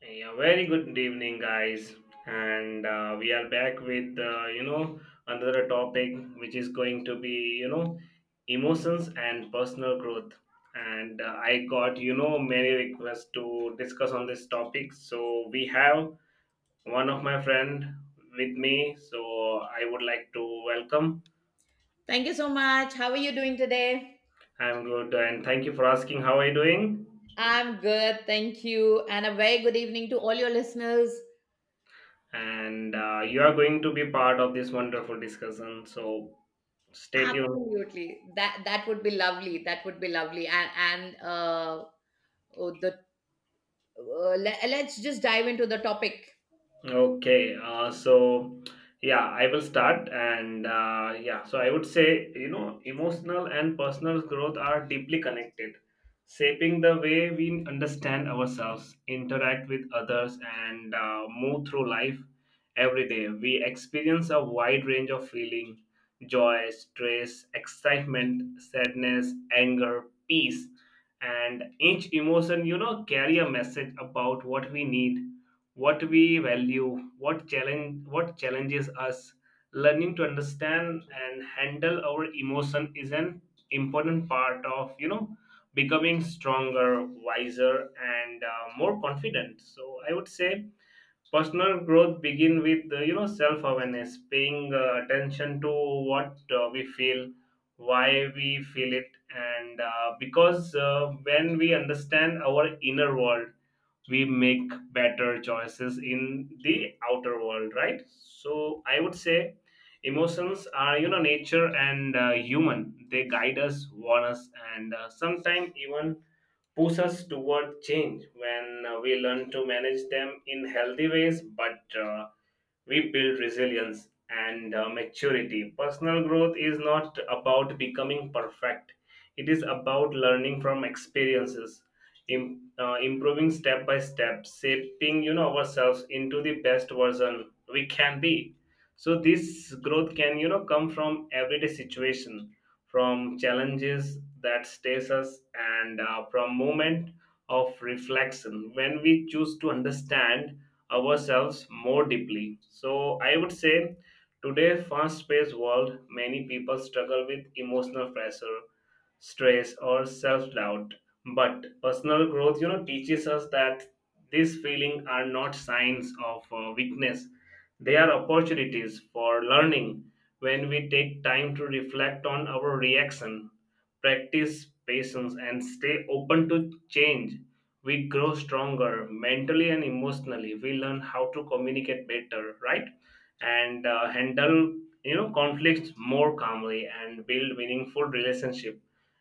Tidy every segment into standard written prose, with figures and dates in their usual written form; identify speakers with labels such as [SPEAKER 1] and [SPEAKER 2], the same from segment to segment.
[SPEAKER 1] Yeah, very good evening, guys, and we are back with another topic which is going to be emotions and personal growth. And I got many requests to discuss on this topic, so we have one of my friend with me. So I would like to welcome.
[SPEAKER 2] Thank you so much. How are you doing today?
[SPEAKER 1] I'm good, and thank you for asking. How are you doing?
[SPEAKER 2] I'm good, thank you. And a very good evening to all your listeners.
[SPEAKER 1] And You are going to be part of this wonderful discussion. So stay tuned.
[SPEAKER 2] Absolutely. That would be lovely. That would be lovely. And uh oh, the le- Let's just dive into the topic.
[SPEAKER 1] Okay, so yeah, I will start. And Yeah, so I would say, you know, emotional and personal growth are deeply connected, shaping the way we understand ourselves, interact with others, and move through life every day. We experience a wide range of feeling, joy, stress, excitement, sadness, anger, peace. And each emotion, you know, carry a message about what we need, what we value, what challenges us. Learning to understand and handle our emotion is an important part of becoming stronger, wiser, and more confident. So I would say personal growth begin with self awareness, paying attention to what we feel, why we feel it, and because when we understand our inner world, we make better choices in the outer world, right? So I would say emotions are, nature and human. They guide us, warn us, and sometimes even push us toward change. When we learn to manage them in healthy ways, but we build resilience and maturity. Personal growth is not about becoming perfect, it is about learning from experiences, improving step by step, shaping ourselves into the best version we can be. So this growth can come from everyday situation, from challenges that stays us, and from moment of reflection when we choose to understand ourselves more deeply. So I would say today fast-paced world, many people struggle with emotional pressure, stress, or self-doubt. But personal growth, teaches us that these feelings are not signs of weakness. They are opportunities for learning. When we take time to reflect on our reaction, practice patience, and stay open to change, we grow stronger mentally and emotionally. We learn how to communicate better, right? And handle conflicts more calmly and build meaningful relationship.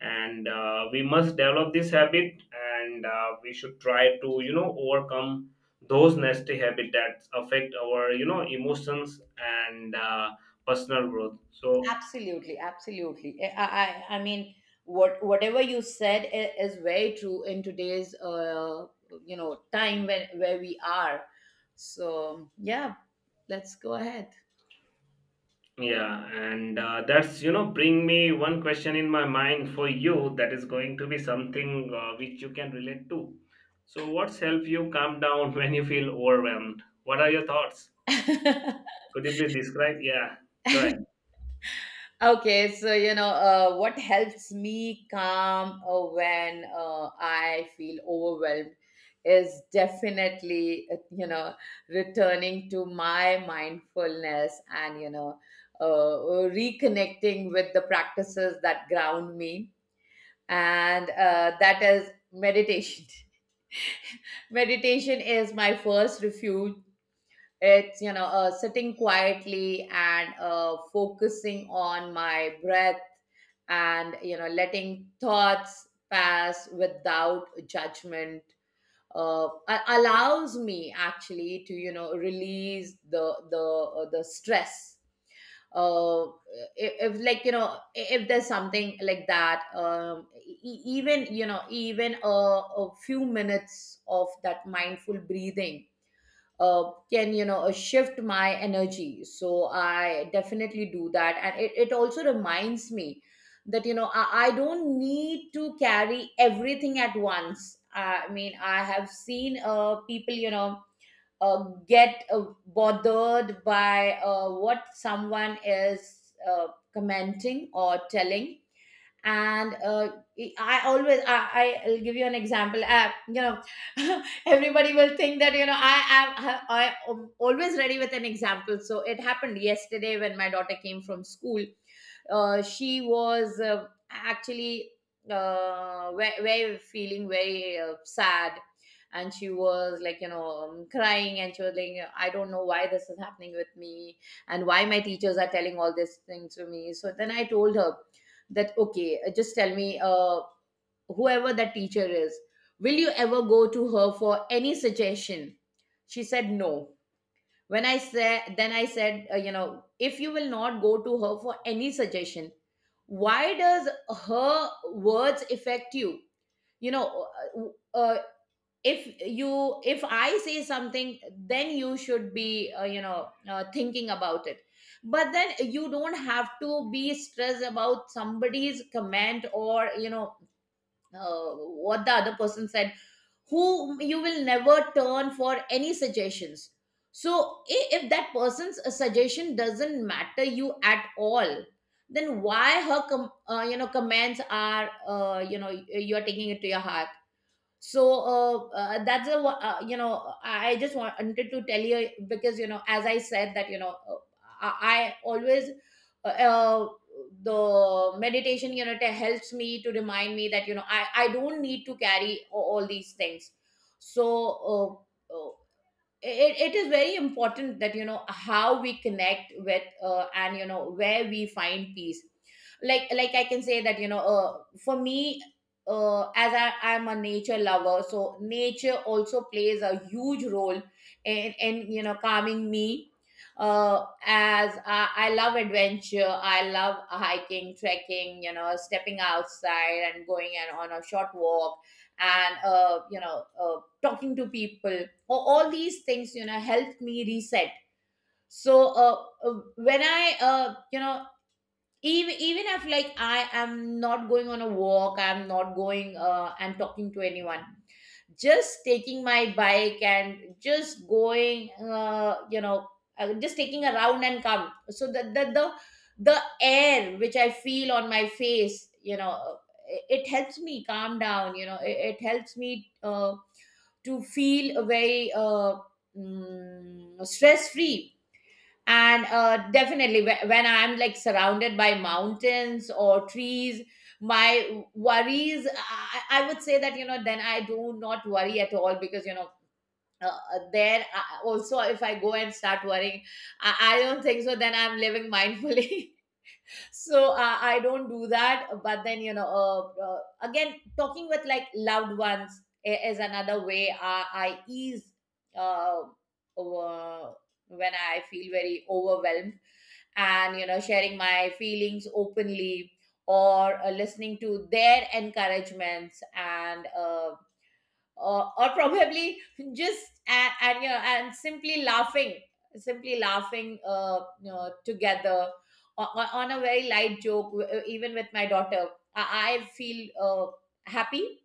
[SPEAKER 1] And we must develop this habit, and we should try to overcome those nasty habits that affect our emotions and personal growth. So
[SPEAKER 2] Absolutely, absolutely. I mean whatever you said is very true in today's time when where we are. So, yeah, let's go ahead.
[SPEAKER 1] yeah, and that's bring me one question in my mind for you that is going to be something which you can relate to. So, what's helped you calm down when you feel overwhelmed? What are your thoughts? Could you please describe? Yeah, go ahead.
[SPEAKER 2] Okay, so what helps me calm when I feel overwhelmed is definitely returning to my mindfulness and reconnecting with the practices that ground me, and that is meditation. Meditation is my first refuge. It's, sitting quietly and focusing on my breath and, you know, letting thoughts pass without judgment. Allows me actually to release the stress uh if if there's something like that. Even even a few minutes of that mindful breathing can shift my energy, so I definitely do that. And it also reminds me that I don't need to carry everything at once. I mean, I have seen people get bothered by what someone is commenting or telling. And I always will give you an example, everybody will think that I am always ready with an example. So it happened yesterday when my daughter came from school. She was actually very, feeling very sad, and she was like crying, and she was like, I don't know why this is happening with me and why my teachers are telling all these things to me. So then I told her that, okay, just tell me, whoever that teacher is, will you ever go to her for any suggestion? She said no. When i said then I said, if you will not go to her for any suggestion, why does her words affect you? You know uh, uh, if you if I say something, then you should be thinking about it. But then you don't have to be stressed about somebody's comment or what the other person said, who you will never turn for any suggestions. So if that person's suggestion doesn't matter you at all, then why her comments are you're taking it to your heart. So that's a wa- you know I just wanted to tell you because as I said that I always uh, uh, the meditation, it helps me to remind me that I don't need to carry all these things. So uh, uh, it, it is very important that how we connect with and where we find peace. Like I can say that for me, as I'm a nature lover, so nature also plays a huge role in calming me, as I love adventure. I love hiking, trekking, you know, stepping outside and going and on a short walk and talking to people or all these things, you know, help me reset. So when I even even if like I am not going on a walk, I'm not going I talking to anyone, just taking my bike and just going, just taking a round and come. So the air which I feel on my face, you know, it helps me calm down. You know, it helps me uh, to feel very stress free. And definitely when I'm like surrounded by mountains or trees, my worries, I would say that then I do not worry at all because there also if I go and start worrying, I don't think so then I'm living mindfully. So I don't do that. But then again, talking with like loved ones is another way I ease uh, uh, when I feel very overwhelmed. And sharing my feelings openly or listening to their encouragements and or probably just and and simply laughing, simply laughing, together on a very light joke, even with my daughter, I feel happy.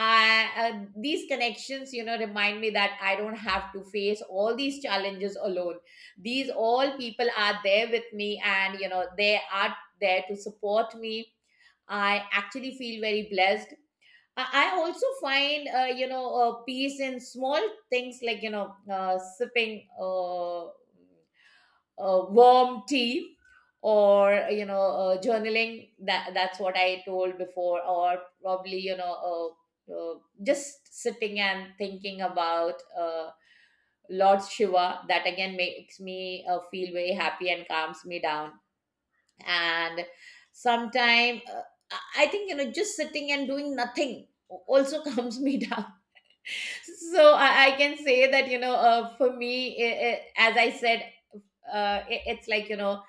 [SPEAKER 2] These connections, you know, remind me that I don't have to face all these challenges alone. These all people are there with me, and you know, they are there to support me. I actually feel very blessed. I also find peace in small things, like, you know, sipping warm tea or journaling, that's what I told before, or probably, uh, uh, just sitting and thinking about Lord Shiva, that again makes me feel very happy and calms me down. And sometime, I think, you know, just sitting and doing nothing also calms me down. So I can say that, for me, I as I said, it, it's like, you know,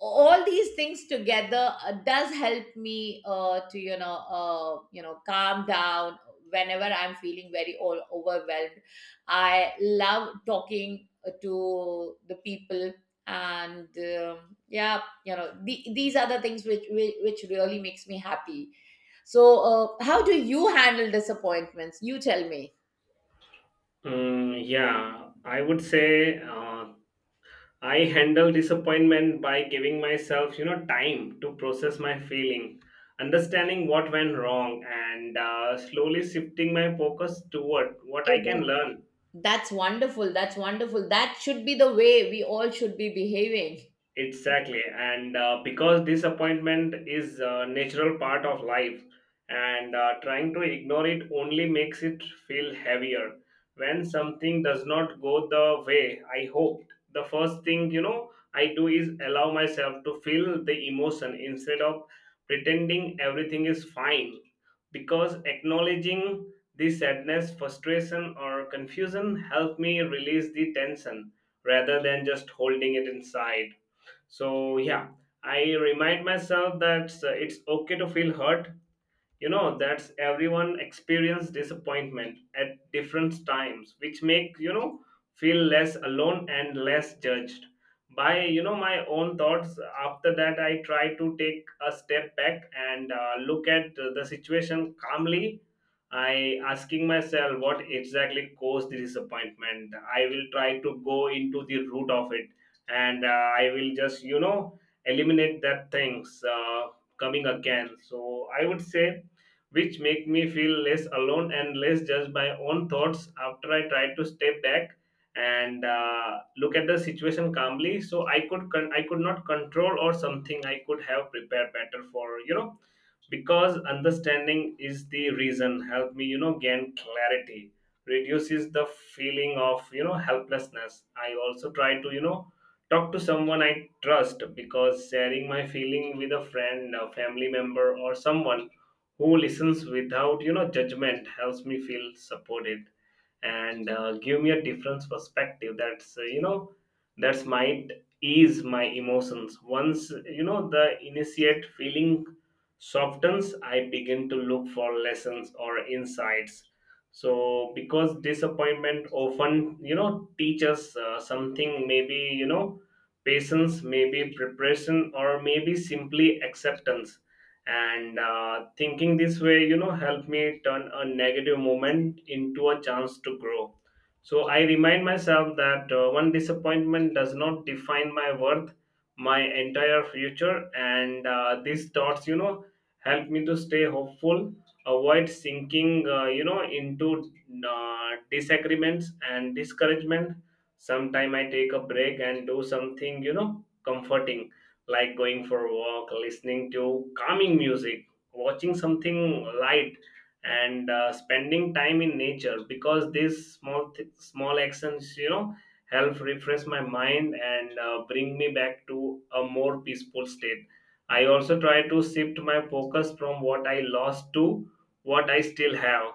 [SPEAKER 2] all these things together does help me to calm down whenever I'm feeling very all overwhelmed. I love talking to the people, and yeah, you know, these are the things which, which really makes me happy. So how do you handle disappointments? You tell me.
[SPEAKER 1] Mm, yeah, I would say, I handle disappointment by giving myself, time to process my feeling, understanding what went wrong, and slowly shifting my focus toward what
[SPEAKER 2] Eh,
[SPEAKER 1] I can
[SPEAKER 2] that-
[SPEAKER 1] learn.
[SPEAKER 2] that's wonderful. That's wonderful. That should be the way we all should be behaving.
[SPEAKER 1] Exactly, and because disappointment is a natural part of life, and trying to ignore it only makes it feel heavier. When something does not go the way I hoped, the first thing, I do is allow myself to feel the emotion instead of pretending everything is fine. Because acknowledging this sadness, frustration, or confusion help me release the tension rather than just holding it inside. So yeah, I remind myself that, it's okay to feel hurt. You know, that's everyone experience disappointment at different times, which make, feel less alone and less judged by, my own thoughts. After that, I try to take a step back and look at the situation calmly. I asking myself what exactly caused the disappointment. I will try to go into the root of it, and I will just, eliminate that things coming again. So I would say, which make me feel less alone and less judged by own thoughts. After I try to step back and look at the situation calmly. So I I could not control or something I could have prepared better for, you know, because understanding is the reason help me, gain clarity, reduces the feeling of, helplessness. I also try to, talk to someone I trust, because sharing my feeling with a friend, a family member, or someone who listens without, judgment helps me feel supported, and give me a different perspective. That's, that's might ease my emotions once, the initiate feeling softens. I begin to look for lessons or insights. So because disappointment often, teaches something, maybe, patience, maybe preparation, or maybe simply acceptance. And thinking this way, helped me turn a negative moment into a chance to grow. So I remind myself that, one disappointment does not define my worth, my entire future. And these thoughts, help me to stay hopeful, avoid sinking into disagreements and discouragement. Sometime I take a break and do something, comforting, like going for a walk, listening to calming music, watching something light, and spending time in nature. Because these small actions, you know, help refresh my mind and bring me back to a more peaceful state. I also try to shift my focus from what I lost to what I still have,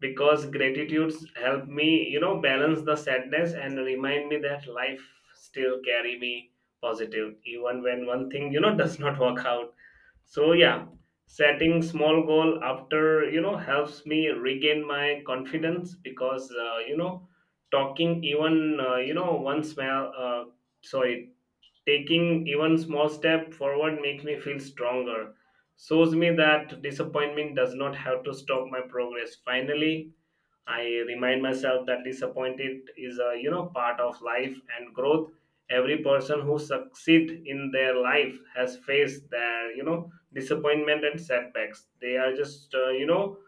[SPEAKER 1] because gratitudes help me, balance the sadness and remind me that life still carry me positive, even when one thing, does not work out. So yeah, setting small goal after, helps me regain my confidence, because, talking even, one small sorry, taking even small step forward makes me feel stronger, shows me that disappointment does not have to stop my progress. Finally, I remind myself that disappointed is a, part of life and growth. Every person who succeed in their life has faced their, disappointment and setbacks. They are just,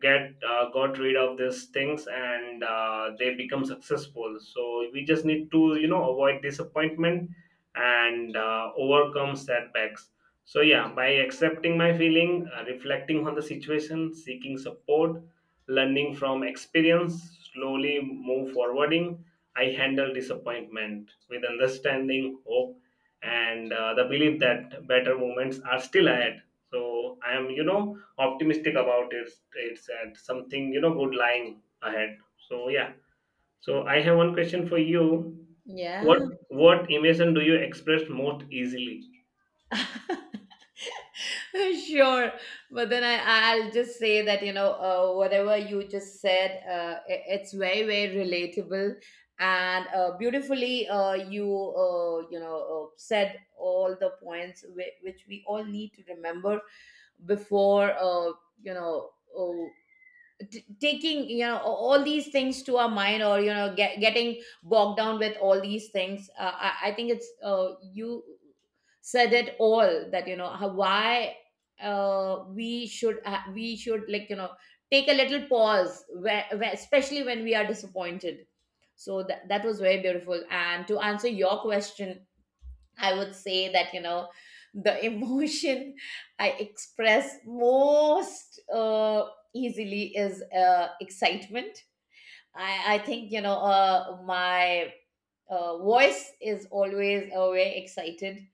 [SPEAKER 1] get got rid of these things, and they become successful. So we just need to, avoid disappointment and overcome setbacks. So yeah, by accepting my feeling, reflecting on the situation, seeking support, learning from experience, slowly move forwarding. I handle disappointment with understanding, hope, and the belief that better moments are still ahead. So I am, you know, optimistic about it. It's at something, you know, good lying ahead. So yeah. So I have one question for you. What
[SPEAKER 2] Yeah,
[SPEAKER 1] emotion do you express most easily?
[SPEAKER 2] sure. But then I'll just say that, you know, whatever you just said, it's very, very relatable. And beautifully, said all the points which we all need to remember before, you know, uh, taking, you know, all these things to our mind or, you know, getting bogged down with all these things. I think it's you said it all, that you know how, why we should we should, like, you know, take a little pause where, especially when we are disappointed. So that, that was very beautiful. And to answer your question, I would say that, you know, the emotion I express most easily is excitement. I think, my voice is always very excited.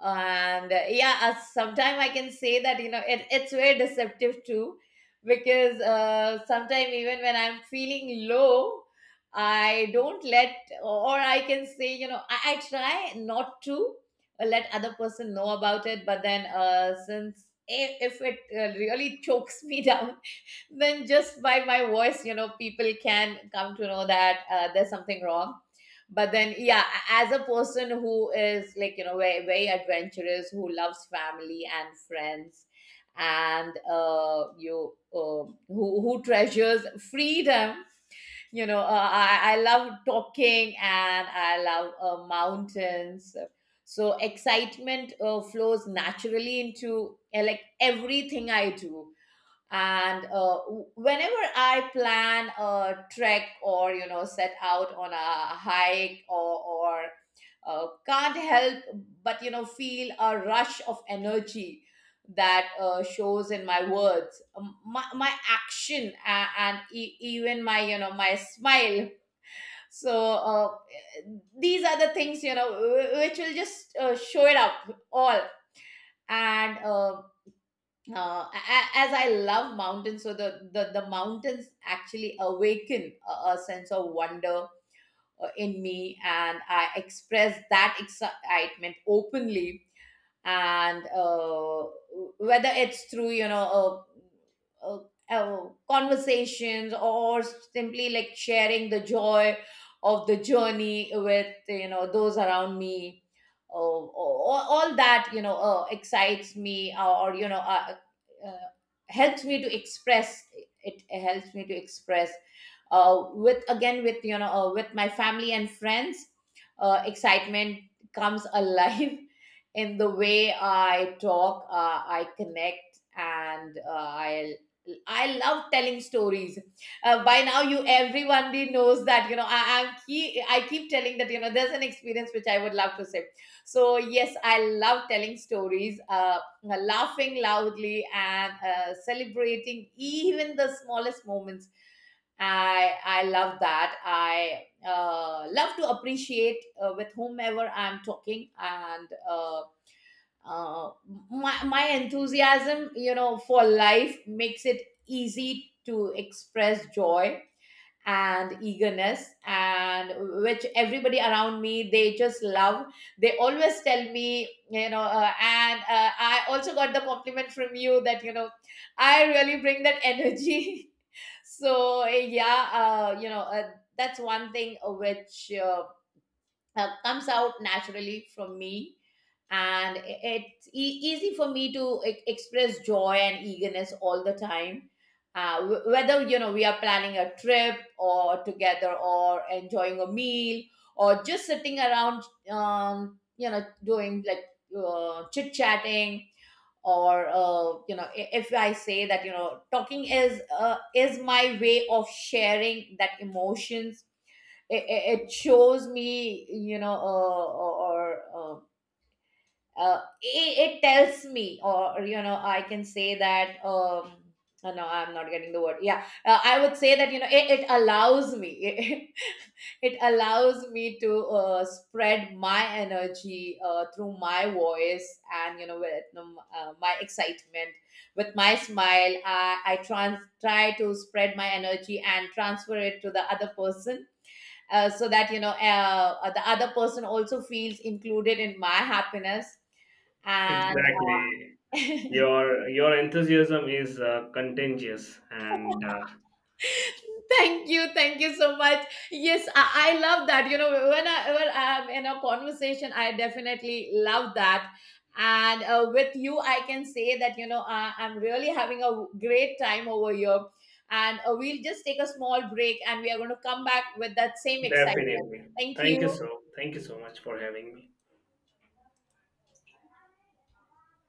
[SPEAKER 2] And yeah, sometimes I can say that, you know, it, it's very deceptive too, because sometimes even when I'm feeling low, I don't let, or I can say, you know, I try not to let other person know about it. But then since if it really chokes me down, then just by my voice, you know, people can come to know that there's something wrong. But then, yeah, as a person who is like, you know, very, very adventurous, who loves family and friends and you who treasures freedom, you know, I love talking, and I love mountains. So excitement flows naturally into like everything I do. And whenever I plan a trek or, you know, set out on a hike, or can't help but, you know, feel a rush of energy that shows in my words, my action, and even my, you know, my smile. So these are the things, you know, which will just show it up all. And as I love mountains, so the mountains actually awaken a sense of wonder in me, and I express that excitement openly. And whether it's through, you know, uh, uh, conversations or simply like sharing the joy of the journey with, you know, those around me, all that, you know, excites me, or, you know uh, helps me to express, it helps me to express, with again with, you know, with my family and friends, excitement comes alive in the way I talk, I connect, and I love telling stories. By now, you everybody knows that, you know, am key. I keep telling that, you know, there's an experience which I would love to say. So yes, I love telling stories, laughing loudly, and celebrating even the smallest moments. I love that. I love to appreciate with whomever I'm talking, and uh, my enthusiasm, you know, for life makes it easy to express joy and eagerness, and which everybody around me, they just love. They always tell me, you know, and I also got the compliment from you that, you know, I really bring that energy. So yeah, uh, you know uh, that's one thing which comes out naturally from me. And it's easy for me to express joy and eagerness all the time, whether, you know, we are planning a trip or together or enjoying a meal or just sitting around, you know, doing like, chit chatting, or if I say that, you know, talking is my way of sharing that emotions. it, it shows me, you know, it, it tells me. Or, you know, I can say that no, I'm not getting the word. Yeah, I would say that, you know, it allows me it allows me to spread my energy through my voice, and, you know, with my excitement, with my smile, I try to spread my energy and transfer it to the other person, so that, you know, the other person also feels included in my happiness. And
[SPEAKER 1] Exactly. Your enthusiasm is contagious and.
[SPEAKER 2] thank you, thank you so much. Yes, I love that. You know, when I'm in a conversation, I definitely love that. And with you, I can say that, I'm really having a great time over here. And we'll just take a small break, and we are going to come back with that same excitement.
[SPEAKER 1] Definitely.
[SPEAKER 2] Thank
[SPEAKER 1] Thank you so.
[SPEAKER 2] you.
[SPEAKER 1] Thank you so much for having me.